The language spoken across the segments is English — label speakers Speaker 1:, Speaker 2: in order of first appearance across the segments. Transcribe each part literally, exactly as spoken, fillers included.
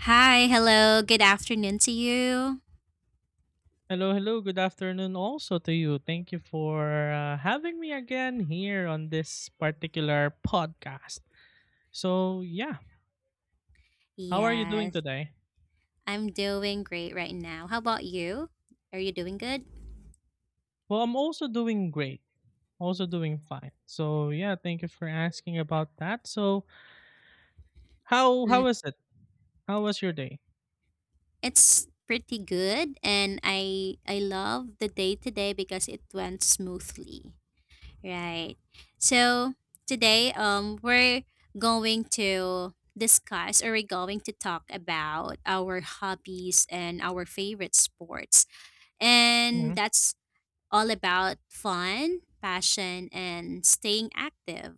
Speaker 1: Hi, hello, good afternoon to you.
Speaker 2: Hello, hello. Good afternoon also to you. Thank you for uh, having me again here on this particular podcast. So, yeah, how are you doing
Speaker 1: Yes,
Speaker 2: today?
Speaker 1: I'm doing great right now. How about you? Are you doing good?
Speaker 2: Well, I'm also doing great. Also doing fine. So, yeah, thank you for asking about that. So, how
Speaker 1: Mm,
Speaker 2: how is it? How was your day?
Speaker 1: it's pretty good and I I love the day today because it went smoothly. Right. So, today um we're going to discuss or we're going to talk about our hobbies and our favorite sports. And
Speaker 2: Mm-hmm.
Speaker 1: that's all about fun, passion, and staying active.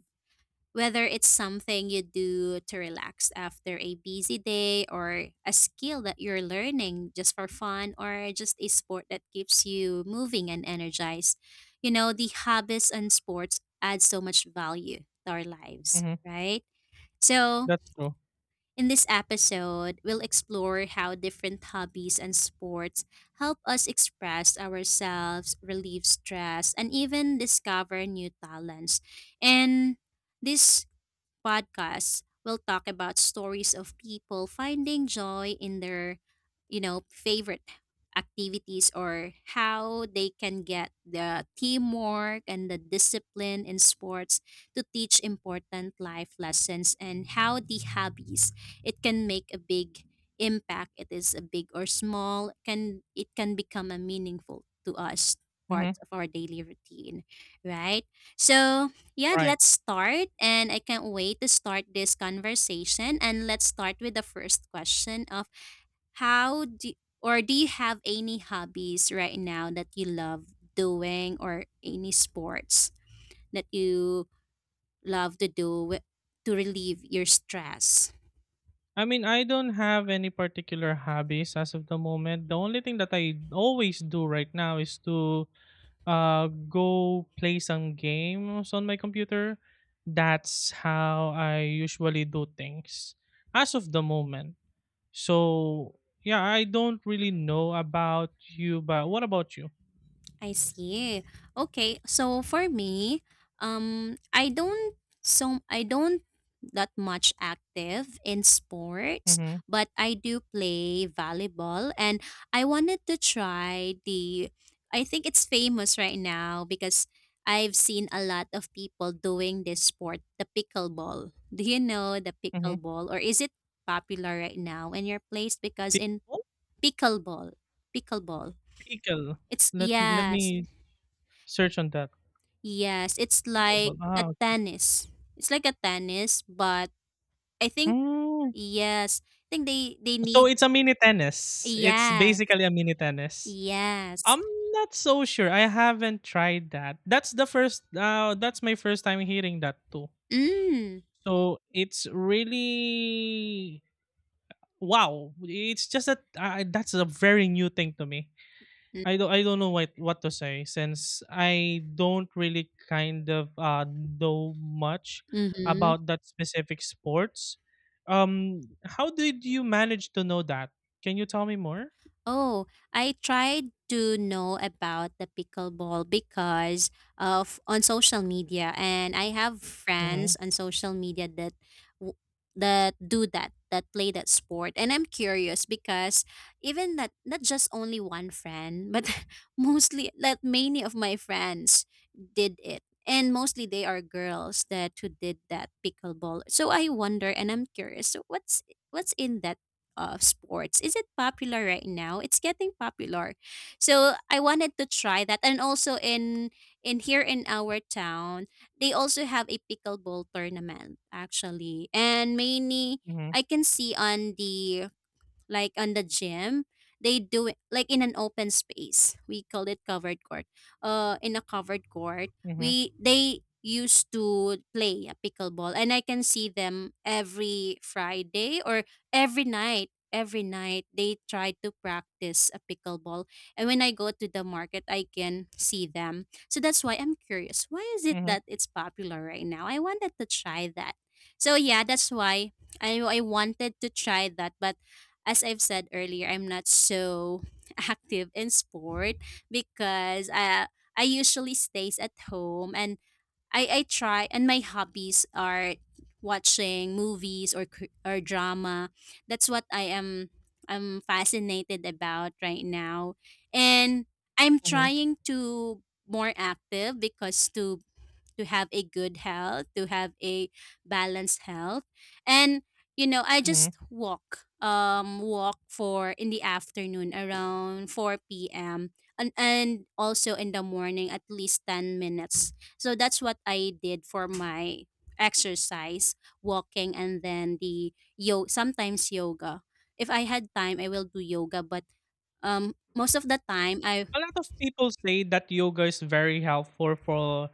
Speaker 1: Whether it's something you do to relax after a busy day, or a skill that you're learning just for fun, or just a sport that keeps you moving and energized, you know, the hobbies and sports add so much value to our lives,
Speaker 2: Mm-hmm.
Speaker 1: right? So,
Speaker 2: That's true.
Speaker 1: in this episode, we'll explore how different hobbies and sports help us express ourselves, relieve stress, and even discover new talents. And this podcast, we'll talk about stories of people finding joy in their, you know, favorite activities or how they can get the teamwork and the discipline in sports to teach important life lessons and how the hobbies it can make a big impact it is a big or small can it can become a meaningful to us part
Speaker 2: Mm-hmm.
Speaker 1: of our daily routine right so yeah,
Speaker 2: Right.
Speaker 1: let's start. And I can't wait to start this conversation. And let's start with the first question of how do or do you have any hobbies right now that you love doing or any sports that you love to do wi- to relieve your stress?
Speaker 2: I mean, I don't have any particular hobbies as of the moment. The only thing that I always do right now is to uh, go play some games on my computer. That's how I usually do things as of the moment. So yeah, I don't really know about you, but what about you?
Speaker 1: I see. Okay, so for me, um, I don't so I don't that much active in sports,
Speaker 2: Mm-hmm.
Speaker 1: but I do play volleyball, and I wanted to try the. I think it's famous right now because I've seen a lot of people doing this sport, the pickleball. Do you know the
Speaker 2: Mm-hmm.
Speaker 1: pickleball, or is it popular right now in your place? Because in
Speaker 2: Pickle?
Speaker 1: pickleball, pickleball,
Speaker 2: Pickle.
Speaker 1: it's
Speaker 2: Let let
Speaker 1: yeah,
Speaker 2: me search on that.
Speaker 1: yes, it's like
Speaker 2: Pickleball.
Speaker 1: a
Speaker 2: Ah, okay.
Speaker 1: tennis. It's like a tennis, but I think
Speaker 2: Mm.
Speaker 1: yes, I think they they
Speaker 2: So
Speaker 1: need
Speaker 2: it's a mini tennis. It's
Speaker 1: yes,
Speaker 2: basically a mini tennis.
Speaker 1: yes.
Speaker 2: I'm not so sure. I haven't tried that. That's the first uh that's my first time hearing that too.
Speaker 1: Mm,
Speaker 2: So it's really wow. It's just that uh, that's a very new thing to me.
Speaker 1: mm,
Speaker 2: I don't I don't know what what to say since I don't really kind of uh know much
Speaker 1: mm-hmm.
Speaker 2: about that specific sports. Um how did you manage to know that? Can you tell me more?
Speaker 1: Oh, I tried to know about the pickleball because of on social media, and I have friends
Speaker 2: Mhm.
Speaker 1: on social media that w- that do that that play that sport, and I'm curious because even that not just only one friend, but mostly that many of my friends did it, and mostly they are girls that who did that pickleball. So I wonder, and I'm curious. So what's what's in that? Of sports. Is it popular right now? It's getting popular. So I wanted to try that. And also in in here in our town, they also have a pickleball tournament actually. And mainly
Speaker 2: Mhm.
Speaker 1: I can see on the like on the gym they do it like in an open space we call it covered court uh in a covered court
Speaker 2: Mhm.
Speaker 1: we they used to play a pickleball and I can see them every Friday or every night every night they try to practice a pickleball and when I go to the market I can see them so that's why I'm curious why is it
Speaker 2: Mhm.
Speaker 1: that it's popular right now I wanted to try that so yeah that's why i, I wanted to try that but as I've said earlier, I'm not so active in sport because I I usually stays at home and I I try and my hobbies are watching movies or cr- or drama. That's what I am I'm fascinated about right now. And I'm
Speaker 2: Mhm.
Speaker 1: trying to more active because to to have a good health, to have a balanced health. And you know, I
Speaker 2: Mhm.
Speaker 1: just walk um walk for in the afternoon around four p m and and also in the morning at least ten minutes. So that's what I did for my exercise, walking and then the yo sometimes yoga. If I had time, I will do yoga, but um most of the time I
Speaker 2: A lot of people say that yoga is very helpful for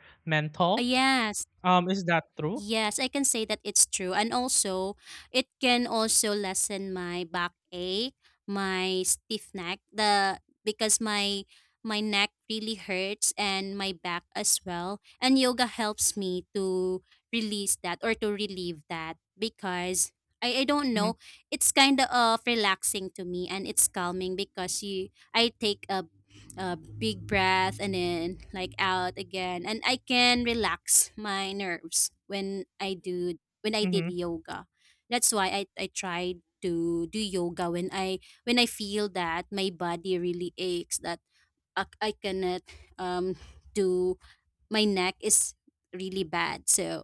Speaker 1: uh,
Speaker 2: mental.
Speaker 1: yes,
Speaker 2: Um, is that true?
Speaker 1: yes, I can say that it's true. And also, it can also lessen my back ache, my stiff neck, the because my my neck really hurts and my back as well. And yoga helps me to release that or to relieve that because I, I don't
Speaker 2: Mm-hmm.
Speaker 1: know, it's kind of relaxing to me and it's calming because you I take a a big breath and then like out again and I can relax my nerves when i do when I did
Speaker 2: Hmm.
Speaker 1: yoga that's why i i tried to do yoga when i when I feel that my body really aches that i, I cannot um do my neck is really bad so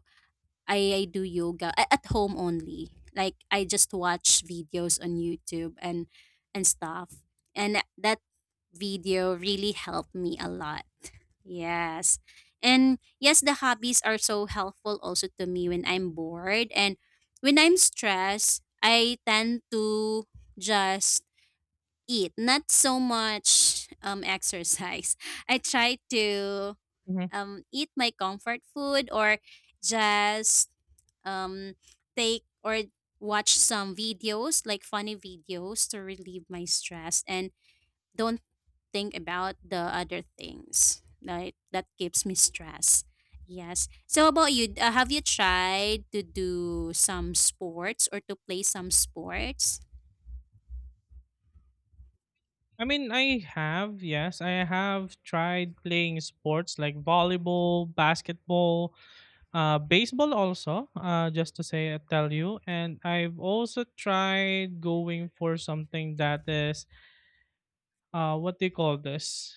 Speaker 1: I I do yoga a- at home only. Like I just watch videos on YouTube and and stuff. And that that video really helped me a lot. Yes. And yes, the hobbies are so helpful also to me when I'm bored and when I'm stressed, I tend to just eat, not so much um exercise. I try to um, eat my comfort food or just um, take or watch some videos, like funny videos, to relieve my stress and don't think about the other things like that gives me stress. Yes. So, how about you? Uh, have you tried to do some sports or to play some sports?
Speaker 2: I mean, I have, yes, I have tried playing sports like volleyball, basketball, Uh, baseball also, uh, just to say, uh, tell you. And I've also tried going for something that is, uh, what do you call this?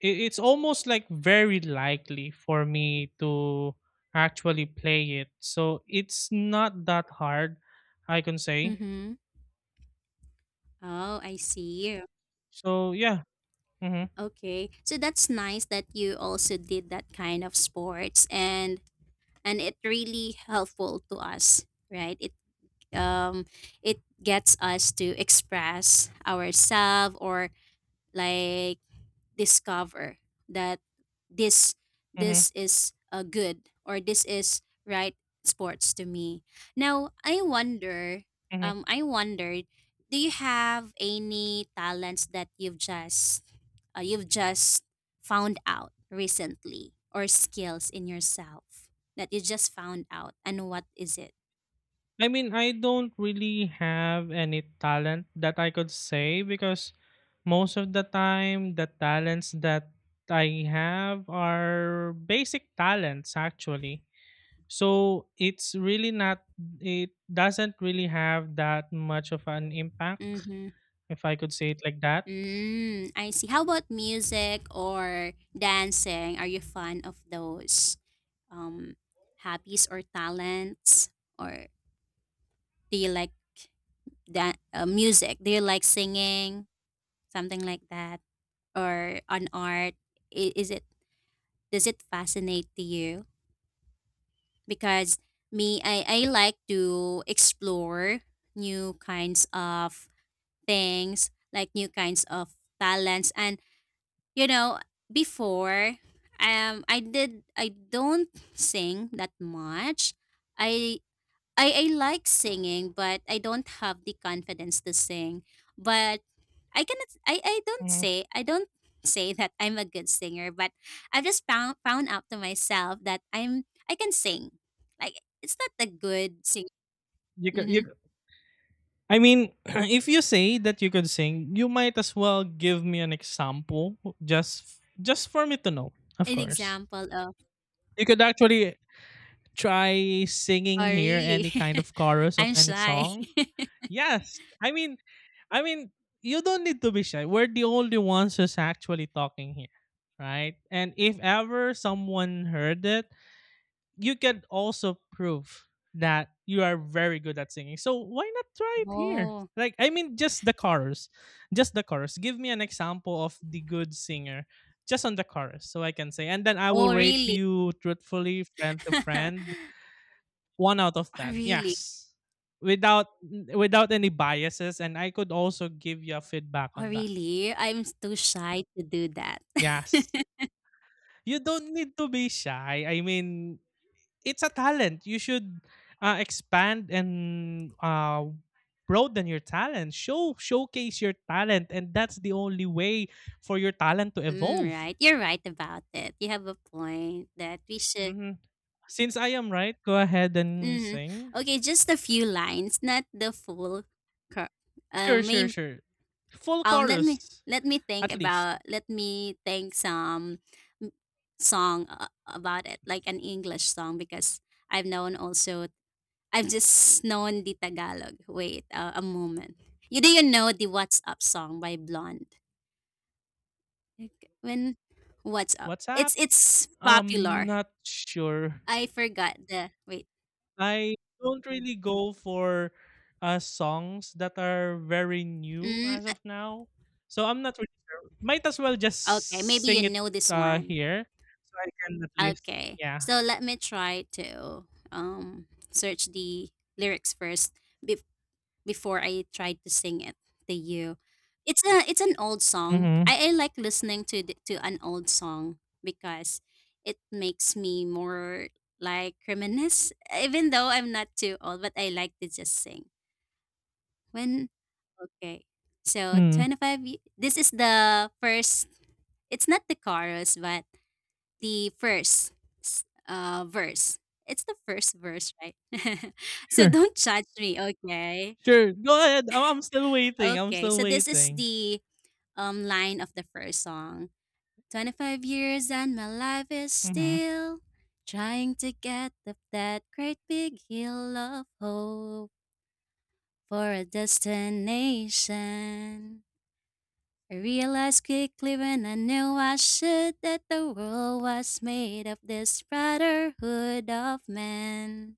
Speaker 2: It, it's almost like very likely for me to actually play it. So it's not that hard, I can say.
Speaker 1: Mm-hmm. Oh, I see.
Speaker 2: So yeah. Mm-hmm,
Speaker 1: Okay. So that's nice that you also did that kind of sports. And and it really helpful to us right it um it gets us to express ourselves or like discover that this
Speaker 2: mm-hmm,
Speaker 1: this is a good or this is right sports to me. Now I wonder,
Speaker 2: mm-hmm.
Speaker 1: um, I wondered, do you have any talents that you've just uh, you've just found out recently or skills in yourself that you just found out and what is it?
Speaker 2: I mean, I don't really have any talent that I could say because most of the time, the talents that I have are basic talents actually. So it's really not, it doesn't really have that much of an impact,
Speaker 1: Mm-hmm.
Speaker 2: if I could say it like that.
Speaker 1: Mm, I see. How about music or dancing? Are you fond of those um, hobbies or talents? Or do you like that uh, music? Do you like singing, something like that, or on art? I- Is it does it fascinate to you? Because me, I I like to explore new kinds of things, like new kinds of talents, and you know, before um I did I don't sing that much. I I I like singing, but I don't have the confidence to sing. But I cannot I I don't
Speaker 2: Mhm.
Speaker 1: say I don't say that I'm a good singer, but I've just found found out to myself that I'm I can sing. Like it's not a good sing.
Speaker 2: You could, you,
Speaker 1: Hmm.
Speaker 2: c- I mean, if you say that you could sing, you might as well give me an example just, just for me to know, of
Speaker 1: An
Speaker 2: course.
Speaker 1: example of
Speaker 2: You could actually try
Speaker 1: oh
Speaker 2: singing here
Speaker 1: really?
Speaker 2: any kind of chorus of
Speaker 1: I'm
Speaker 2: any
Speaker 1: shy.
Speaker 2: song? Yes. I mean, I mean, you don't need to be shy. We're the only ones who's actually talking here, right? And if ever someone heard it, you can also prove that you are very good at singing. So why not try it here?
Speaker 1: Oh,
Speaker 2: Like, I mean, just the chorus, just the chorus. Give me an example of the good singer, just on the chorus, so I can say, and then I will
Speaker 1: oh,
Speaker 2: rate
Speaker 1: really?
Speaker 2: you truthfully, friend to friend, one out of
Speaker 1: Oh,
Speaker 2: ten.
Speaker 1: really?
Speaker 2: Yes, without without any biases, and I could also give you a feedback
Speaker 1: Oh,
Speaker 2: on that.
Speaker 1: really? I'm too shy to do that.
Speaker 2: Yes, you don't need to be shy. I mean, it's a talent. You should uh, expand and uh, broaden your talent. Show showcase your talent, and that's the only way for your talent to
Speaker 1: Mm,
Speaker 2: evolve.
Speaker 1: right. You're right about it. You have a point that we should.
Speaker 2: Mhm. Since I am right, go ahead and
Speaker 1: Hmm.
Speaker 2: sing.
Speaker 1: Okay, just a few lines, not the full. Cur- uh,
Speaker 2: Sure, sure,
Speaker 1: maybe,
Speaker 2: sure. Full
Speaker 1: um, let me
Speaker 2: chorus,
Speaker 1: let me think
Speaker 2: at least.
Speaker 1: about. Let me think some m- song uh, about it, like an English song, because I've known also. I've just known the Tagalog. Wait, uh, a moment. You Do you know the What's Up song by Blonde? Like, when what's up?
Speaker 2: What's up?
Speaker 1: It's it's
Speaker 2: Um,
Speaker 1: popular.
Speaker 2: not sure.
Speaker 1: I forgot the wait.
Speaker 2: I don't really go for uh songs that are very new
Speaker 1: Mm,
Speaker 2: as of now. So I'm not really sure. Might as well just
Speaker 1: okay, maybe you
Speaker 2: sing it
Speaker 1: know this
Speaker 2: uh
Speaker 1: one.
Speaker 2: here so I can at least
Speaker 1: Okay,
Speaker 2: yeah.
Speaker 1: so let me try to um search the lyrics first be- before I try to sing it to you. It's a it's an old song.
Speaker 2: Mhm.
Speaker 1: I, I like listening to the, to an old song because it makes me more like reminisce. Even though I'm not too old, but I like to just sing when okay. So
Speaker 2: Mm.
Speaker 1: twenty-five y- this is the first it's not the chorus but the first s- uh verse. It's the first verse, right? So
Speaker 2: Sure.
Speaker 1: don't judge me, okay?
Speaker 2: Sure. Go ahead. I- I'm still waiting. I'm
Speaker 1: Okay.
Speaker 2: still
Speaker 1: So this is
Speaker 2: waiting.
Speaker 1: the um line of the first song. twenty-five years and my life is
Speaker 2: Mhm.
Speaker 1: still trying to get up that great big hill of hope for a destination. I realized quickly when I knew I should that the world was made of this brotherhood of men,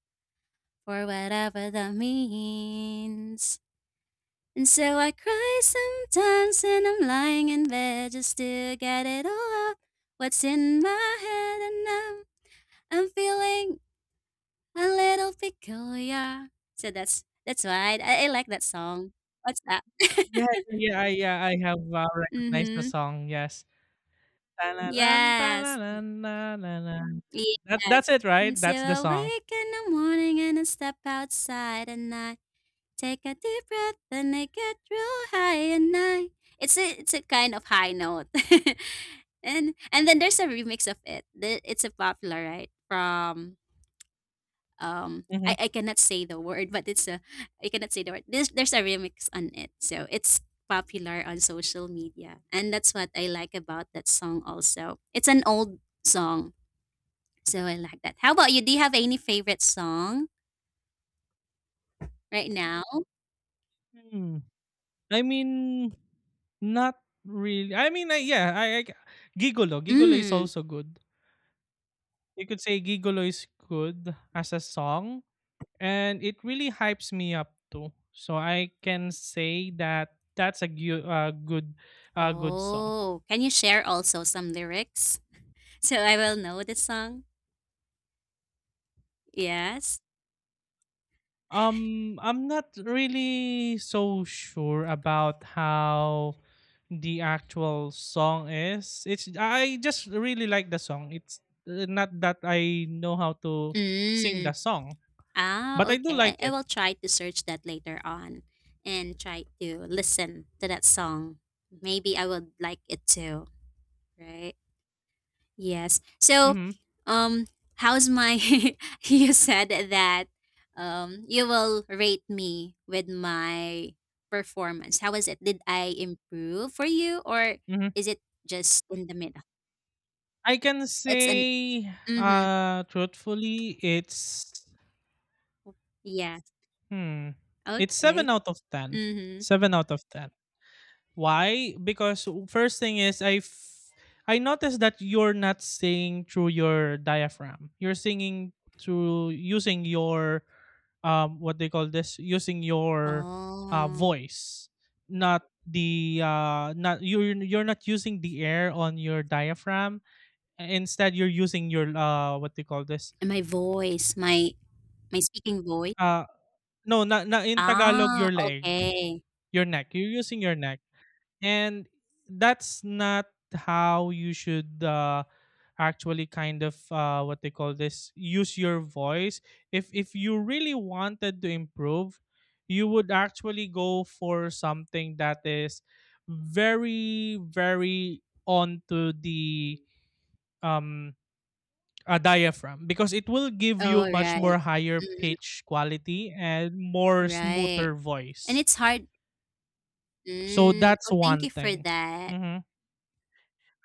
Speaker 1: for whatever that means. And so I cry sometimes when I'm lying in bed just to get it all out, what's in my head, and I'm, I'm feeling a little peculiar. So that's that's why I, I like that song. What's that?
Speaker 2: Yeah, yeah, I- yeah, I have uh, recognized the
Speaker 1: Mm-hmm.
Speaker 2: song. Yes. La la. Na
Speaker 1: Yes.
Speaker 2: tananan, tananan. That's
Speaker 1: Yes.
Speaker 2: that's it, right? That's
Speaker 1: Until
Speaker 2: the
Speaker 1: I
Speaker 2: song.
Speaker 1: wake in the morning and I step outside and I take a deep breath and I get real high and I it's a it's a kind of high note. and and then there's a remix of it. The- It's a popular right from um I,
Speaker 2: Mm-hmm.
Speaker 1: I cannot say the word but it's a I cannot say the word. There's there's a remix on it. So it's popular on social media and that's what I like about that song also. It's an old song so I like that. How about you? Do you have any favorite song right now?
Speaker 2: Mm. I mean, not really. I mean, I yeah, I, I Gigolo. Gigolo is
Speaker 1: Mm.
Speaker 2: also good. You could say gigolo is good as a song, and it really hypes me up too. So I can say that that's a gu- uh, good, uh, good song.
Speaker 1: Oh, can you share also some lyrics so I will know the song? Yes.
Speaker 2: Um, I'm not really so sure about how the actual song is. It's I just really like the song. It's uh, not that I know how to sing
Speaker 1: Mm.
Speaker 2: the song, but
Speaker 1: Ah,
Speaker 2: I do
Speaker 1: okay.
Speaker 2: like
Speaker 1: I, I
Speaker 2: it.
Speaker 1: will try to search that later on and try to listen to that song. Maybe I would like it too, right? Yes. So,
Speaker 2: Hmm.
Speaker 1: um, how's my? You said that um you will rate me with my performance. How was it? Did I improve for you, or
Speaker 2: Hmm.
Speaker 1: is it just in the middle?
Speaker 2: I can
Speaker 1: It's an.
Speaker 2: say,
Speaker 1: Mm-hmm.
Speaker 2: uh, truthfully, it's
Speaker 1: Yeah.
Speaker 2: hmm, it's
Speaker 1: Okay.
Speaker 2: seven out of ten.
Speaker 1: Mm-hmm.
Speaker 2: Seven out of ten. Why? Because first thing is I f- I noticed that you're not singing through your diaphragm. You're singing through using your um what they call this using your uh
Speaker 1: Oh,
Speaker 2: voice, not the uh not you're you're not using the air on your diaphragm. Instead, you're using your uh what they call this
Speaker 1: and my voice, my my speaking voice.
Speaker 2: uh no not not in Tagalog
Speaker 1: Ah.
Speaker 2: your leg,
Speaker 1: Okay.
Speaker 2: your neck. You're using your neck. And that's not how you should uh, actually kind of uh, what they call this use your voice if if you really wanted to improve you would actually go for something that is very very onto the um a diaphragm because it will give you
Speaker 1: All
Speaker 2: much
Speaker 1: right.
Speaker 2: more higher
Speaker 1: Mm,
Speaker 2: pitch quality and more
Speaker 1: right.
Speaker 2: smoother
Speaker 1: And
Speaker 2: voice
Speaker 1: it's hard.
Speaker 2: so
Speaker 1: Mm, oh,
Speaker 2: that's
Speaker 1: thank
Speaker 2: one
Speaker 1: you for
Speaker 2: thing.
Speaker 1: that.
Speaker 2: Mhm.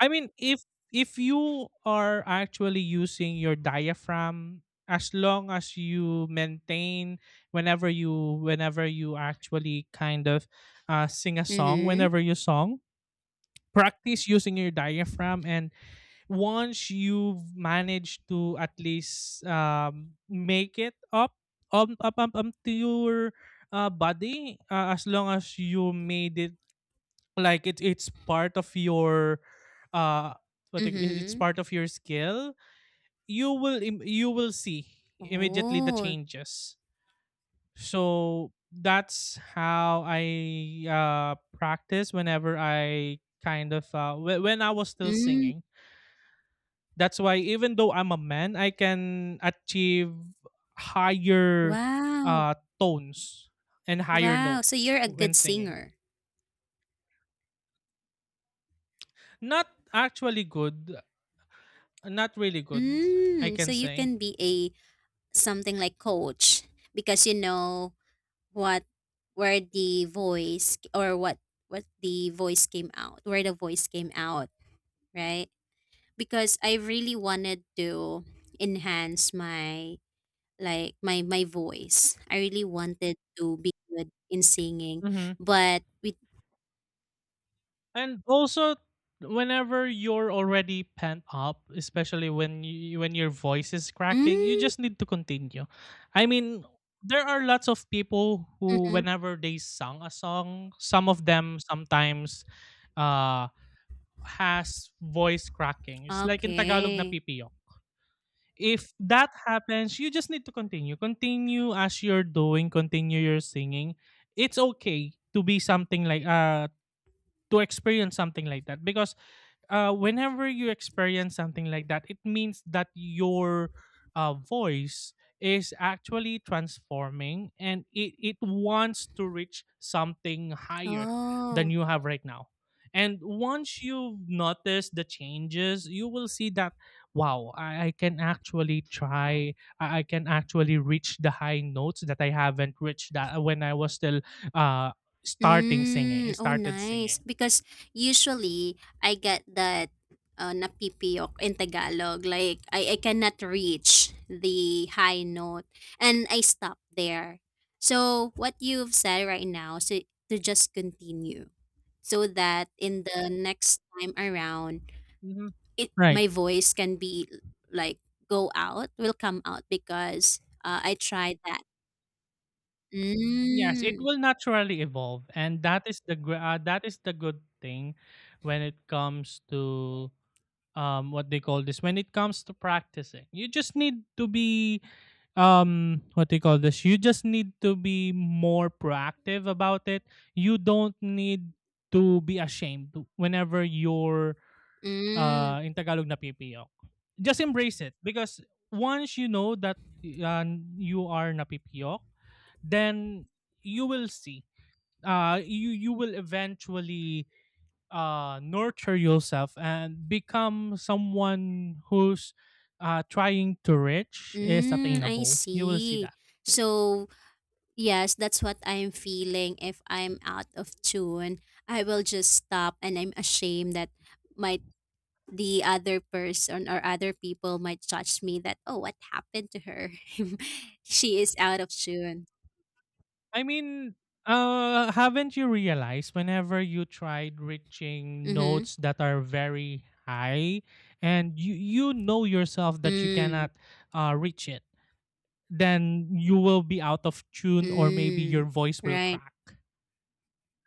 Speaker 2: I mean, if if you are actually using your diaphragm, as long as you maintain whenever you whenever you actually kind of uh, sing a song,
Speaker 1: Mhm,
Speaker 2: whenever you song, practice using your diaphragm, and once you've managed to at least um, make it up up up up, up to your uh, body, uh, as long as you made it like it, it's part of your uh what they- it- it's
Speaker 1: mhm.
Speaker 2: part of your skill. You will im- you will see immediately the
Speaker 1: Oh,
Speaker 2: changes. So that's how I uh practice whenever I kind of uh wh- when I was still
Speaker 1: mm,
Speaker 2: singing. That's why even though I'm a man I can achieve higher
Speaker 1: wow,
Speaker 2: uh tones and higher
Speaker 1: wow, so
Speaker 2: notes
Speaker 1: you're a good
Speaker 2: when singing.
Speaker 1: singer.
Speaker 2: Not actually good. Not really good, I
Speaker 1: Mm,
Speaker 2: can
Speaker 1: so you
Speaker 2: say.
Speaker 1: can be a something like coach because you know what where the voice or what what the voice came out, where the voice came out, right? Because I really wanted to enhance my like my my voice. I really wanted to be good in singing,
Speaker 2: Hmm.
Speaker 1: but with
Speaker 2: And also, whenever you're already pent up, especially when you, when your voice is cracking, you
Speaker 1: mm,
Speaker 2: just need to continue. I mean, there are lots of people who,
Speaker 1: mhm.
Speaker 2: whenever they sung a song, some of them sometimes uh, has voice cracking. It's like in Tagalog na
Speaker 1: Okay.
Speaker 2: pipiyok. If that happens, you just need to continue. Continue as you're doing. Continue your singing. It's okay to be something like uh to experience something like that because uh, whenever you experience something like that, it means that your uh, voice is actually transforming and it, it wants to reach something higher than
Speaker 1: Oh.
Speaker 2: you have right now. And once you notice the changes, you will see that, wow, I, I can actually try, I, I can actually reach the high notes that I haven't reached that uh, when I was still uh, starting singing,
Speaker 1: Mm. Oh,
Speaker 2: started
Speaker 1: nice.
Speaker 2: singing.
Speaker 1: Because usually I get that uh, napipiyok in Tagalog. Like I, I cannot reach the high note and I stop there. So what you've said right now so to just continue so that in the next time around
Speaker 2: Mhm.
Speaker 1: it
Speaker 2: Right.
Speaker 1: my voice can be like go out will come out because uh, I tried that.
Speaker 2: Yes, it
Speaker 1: Mm,
Speaker 2: will naturally evolve, and that is the gr- uh, that is the good thing when it comes to um what they call this. When it comes to practicing, you just need to be um what do you call this you just need to be more proactive about it. You don't need to be ashamed whenever you're
Speaker 1: mm,
Speaker 2: uh in Tagalog na pipiyok. Just embrace it because once you know that uh, you are na P P O, then you will see uh you you will eventually uh nurture yourself and become someone who's uh trying to reach is
Speaker 1: mm, I
Speaker 2: attainable, you will see
Speaker 1: see.
Speaker 2: that.
Speaker 1: So, yes, that's what I'm feeling. If I'm out of tune, I will just stop and I'm ashamed that might the other person or other people might judge me that, oh, what happened to her? She is out of tune.
Speaker 2: I mean, uh, haven't you realized whenever you tried reaching
Speaker 1: Mm-hmm.
Speaker 2: notes that are very high, and you you know yourself that you
Speaker 1: Mm,
Speaker 2: cannot uh, reach it, then you will be out of tune or maybe your
Speaker 1: mm,
Speaker 2: voice will
Speaker 1: right.
Speaker 2: crack,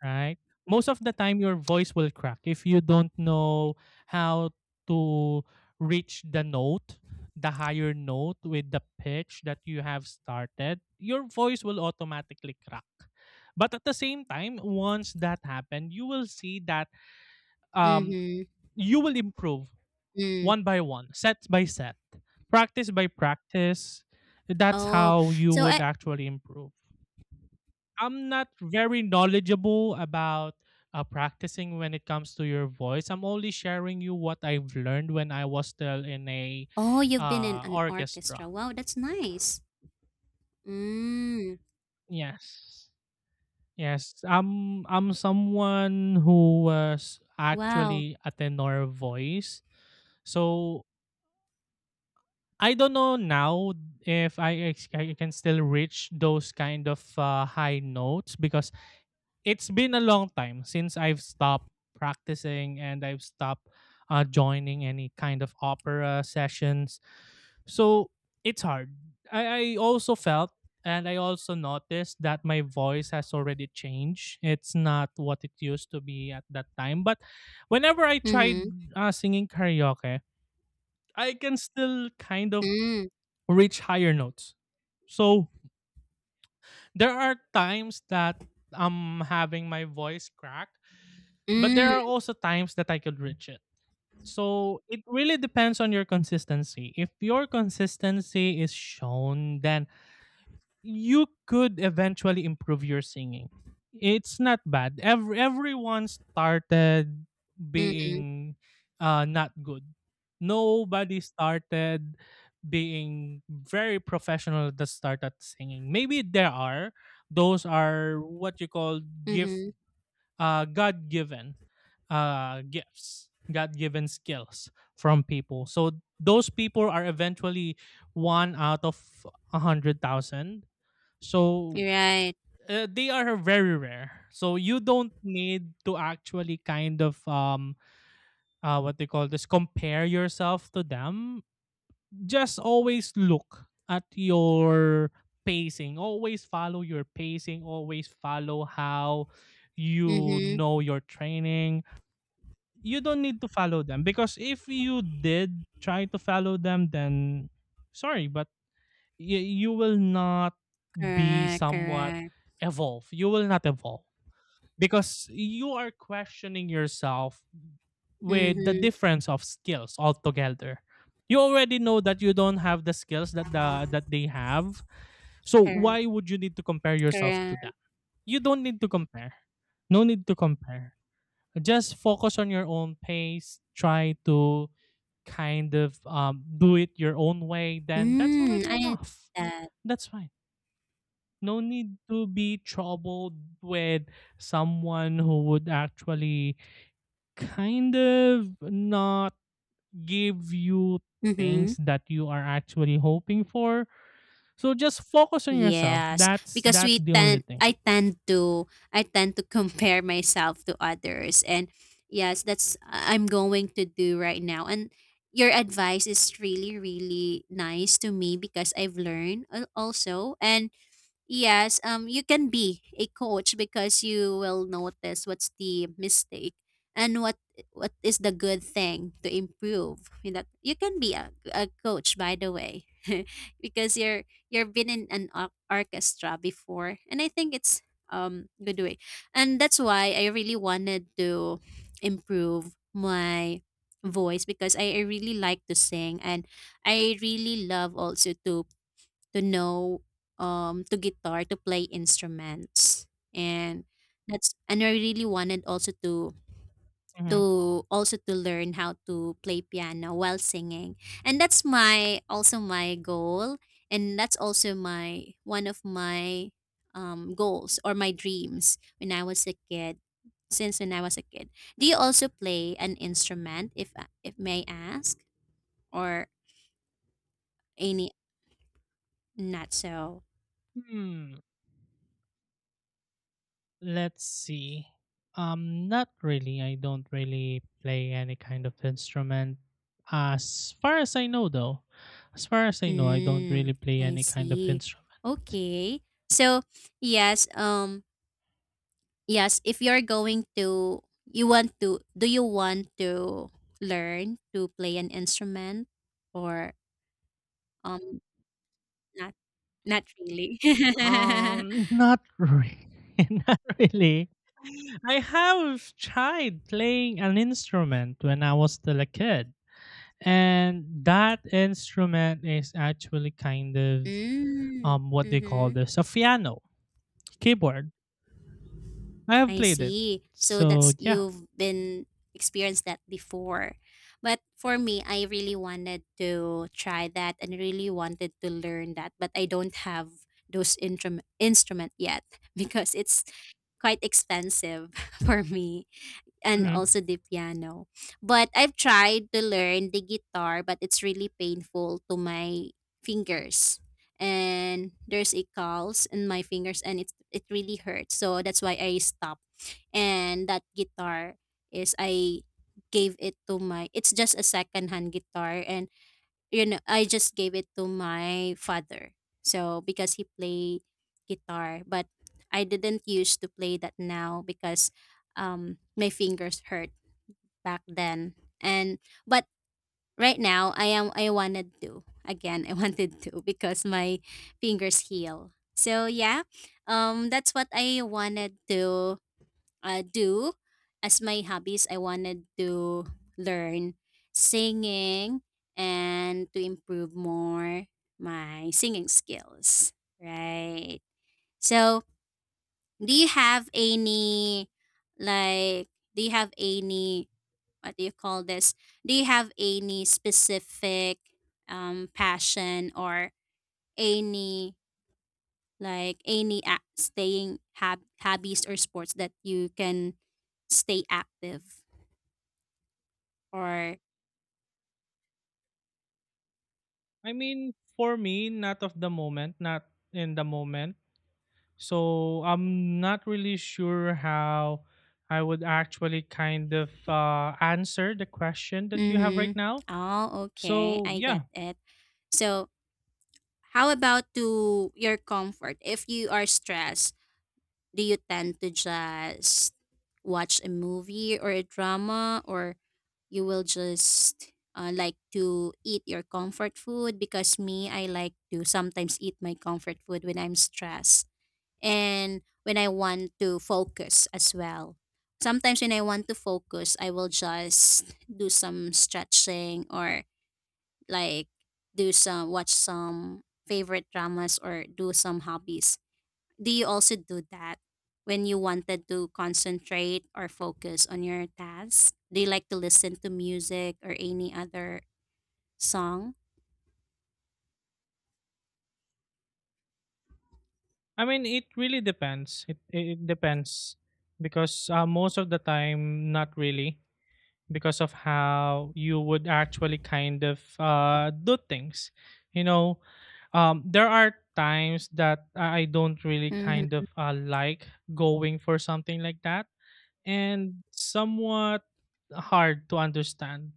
Speaker 2: right? Most of the time your voice will crack if you don't know how to reach the note, the higher note with the pitch that you have started, your voice will automatically crack. But at the same time, once that happened, you will see that um
Speaker 1: Mm-hmm.
Speaker 2: you will improve
Speaker 1: Mm.
Speaker 2: one by one, set by set, practice by practice. That's
Speaker 1: Oh,
Speaker 2: how you
Speaker 1: so
Speaker 2: would
Speaker 1: I,
Speaker 2: actually improve. I'm not very knowledgeable about uh, practicing when it comes to your voice. I'm only sharing you what I've learned when I was still in a
Speaker 1: oh, you've been in
Speaker 2: uh,
Speaker 1: an
Speaker 2: orchestra.
Speaker 1: orchestra. Wow, that's nice. Mm.
Speaker 2: Yes, yes. I'm I'm someone who was
Speaker 1: Wow.
Speaker 2: actually a tenor voice, so I don't know now if I, ex- I can still reach those kind of uh, high notes because it's been a long time since I've stopped practicing and I've stopped uh, joining any kind of opera sessions. So it's hard. I, I also felt and I also noticed that my voice has already changed. It's not what it used to be at that time. But whenever I tried
Speaker 1: Mhm.
Speaker 2: uh, singing karaoke, I can still kind of
Speaker 1: Mm.
Speaker 2: reach higher notes. So there are times that I'm having my voice crack. But there
Speaker 1: Mm.
Speaker 2: are also times that I could reach it. So it really depends on your consistency. If your consistency is shown, then you could eventually improve your singing. It's not bad. Every, everyone started
Speaker 1: Mhm.
Speaker 2: being uh, not good. Nobody started being very professional that started singing. Maybe there are. Those are what you call gift,
Speaker 1: Mhm.
Speaker 2: uh, God given uh, gifts, God given skills from people. So those people are eventually one out of a hundred thousand. So
Speaker 1: You're right.
Speaker 2: uh, they are very rare. So you don't need to actually kind of um uh, what they call this compare yourself to them. Just always look at your pacing. Always follow your pacing. Always follow how you
Speaker 1: Mhm.
Speaker 2: know your training. You don't need to follow them because if you did try to follow them then sorry but y- you will not be
Speaker 1: Correct.
Speaker 2: somewhat
Speaker 1: Correct.
Speaker 2: evolve, you will not evolve because you are questioning yourself with the
Speaker 1: Mhm.
Speaker 2: difference of skills altogether. You already know that you don't have the skills that the, that they have, so
Speaker 1: Correct.
Speaker 2: why would you need to compare yourself to
Speaker 1: Correct.
Speaker 2: that? You don't need to compare, no need to compare. Just focus on your own pace, try to kind of um, do it your own way, then that's
Speaker 1: Mm.
Speaker 2: already
Speaker 1: I like
Speaker 2: enough.
Speaker 1: that.
Speaker 2: That's fine, no need to be troubled with someone who would actually kind of not give you things
Speaker 1: Mhm.
Speaker 2: that you are actually hoping for. So just focus on yourself,
Speaker 1: Yes,
Speaker 2: that's
Speaker 1: because
Speaker 2: that's
Speaker 1: we
Speaker 2: the only
Speaker 1: tend,
Speaker 2: thing.
Speaker 1: I tend to, I tend to compare myself to others, and yes, that's I'm going to do right now. And your advice is really, really nice to me because I've learned al- also, and yes, um, you can be a coach because you will notice what's the mistake and what what is the good thing to improve. You know, you can be a, a coach, by the way, because you're you've been in an or- orchestra before, and I think it's um good way, and that's why I really wanted to improve my voice because I, I really like to sing and I really love also to to know um to guitar to play instruments and that's and I really wanted also to
Speaker 2: Mhm.
Speaker 1: to also to learn how to play piano while singing and that's my also my goal and that's also my one of my um, goals or my dreams when I was a kid since when I was a kid. Do you also play an instrument if if may ask or any not so.
Speaker 2: Hmm. Let's see. Um, not really. I don't really play any kind of instrument. As far as I know, though, as far as I know, I don't
Speaker 1: Mm,
Speaker 2: really play
Speaker 1: I
Speaker 2: any kind of
Speaker 1: see.
Speaker 2: instrument.
Speaker 1: Okay. So, yes, um yes, if you're going to you want to do you want to learn to play an instrument or um not not really.
Speaker 2: Um, not really. Not really. I have tried playing an instrument when I was still a kid. And that instrument is actually kind of
Speaker 1: Mm,
Speaker 2: um what they call
Speaker 1: mhm.
Speaker 2: this a piano keyboard. I have
Speaker 1: I
Speaker 2: played it,
Speaker 1: see. So
Speaker 2: so
Speaker 1: that's
Speaker 2: yeah.
Speaker 1: you've been experienced that before. But for me, I really wanted to try that and really wanted to learn that, but I don't have those intrum- instrument yet because it's quite expensive for me. And
Speaker 2: Hmm.
Speaker 1: also the piano. But I've tried to learn the guitar, but it's really painful to my fingers. And there's a calls in my fingers and it it really hurts. So that's why I stopped. And that guitar is I gave it to my it's just a second hand guitar and you know I just gave it to my father so because he play guitar but I didn't used to play that now because um my fingers hurt back then and but right now I am I wanted to again I wanted to because my fingers heal. So yeah, um that's what I wanted to uh, do as my hobbies. I wanted to learn singing and to improve more my singing skills, right? So do you have any like do you have any what do you call this do you have any specific um passion or any like any a- staying hab- hobbies or sports that you can stay active or.
Speaker 2: I mean, for me, not of the moment, not in the moment. So I'm not really sure how I would actually kind of uh, answer the question that you have right
Speaker 1: Mm-hmm.
Speaker 2: now,
Speaker 1: Oh, okay.
Speaker 2: so
Speaker 1: I get
Speaker 2: yeah.
Speaker 1: it. So how about to your comfort? If you are stressed, do you tend to just watch a movie or a drama or you will just uh, like to eat your comfort food because me I like to sometimes eat my comfort food when I'm stressed. And when I want to focus as well. Sometimes when I want to focus, I will just do some stretching or like do some watch some favorite dramas or do some hobbies. Do you also do that when you wanted to concentrate or focus on your task? Do you like to listen to music or any other song?
Speaker 2: I mean, it really depends, it, it it depends because uh, most of the time not really because of how you would actually kind of uh, do things. You know, um, there are times that I I don't really kind
Speaker 1: Mm-hmm.
Speaker 2: of uh, like going for something like that, and somewhat hard to understand.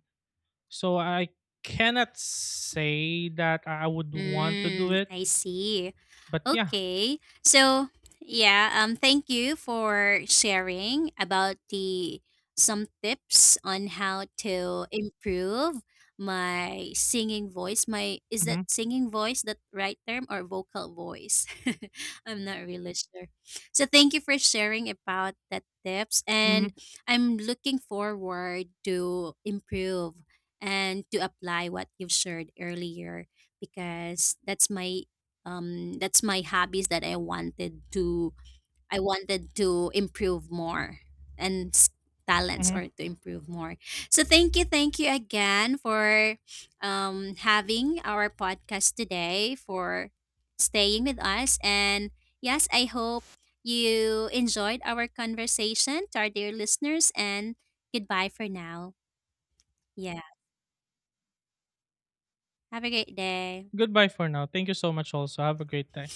Speaker 2: So I cannot say that I would want to do
Speaker 1: Mm,
Speaker 2: it,
Speaker 1: I see.
Speaker 2: but yeah.
Speaker 1: Okay. So, yeah, um thank you for sharing about the some tips on how to improve my singing voice. My is that
Speaker 2: Mm-hmm,
Speaker 1: singing voice that right term or vocal voice? I'm not really sure. So, thank you for sharing about that tips
Speaker 2: mm-hmm,
Speaker 1: and I'm looking forward to improve and to apply what you've shared earlier because that's my um that's my hobbies that I wanted to I wanted to improve more and s- talents
Speaker 2: mm-hmm.
Speaker 1: or to improve more. So thank you, thank you again for um having our podcast today for staying with us. And yes, I hope you enjoyed our conversation. To our dear listeners, and goodbye for now. Yeah, have a great day.
Speaker 2: Goodbye for now. Thank you so much. Also, have a great day.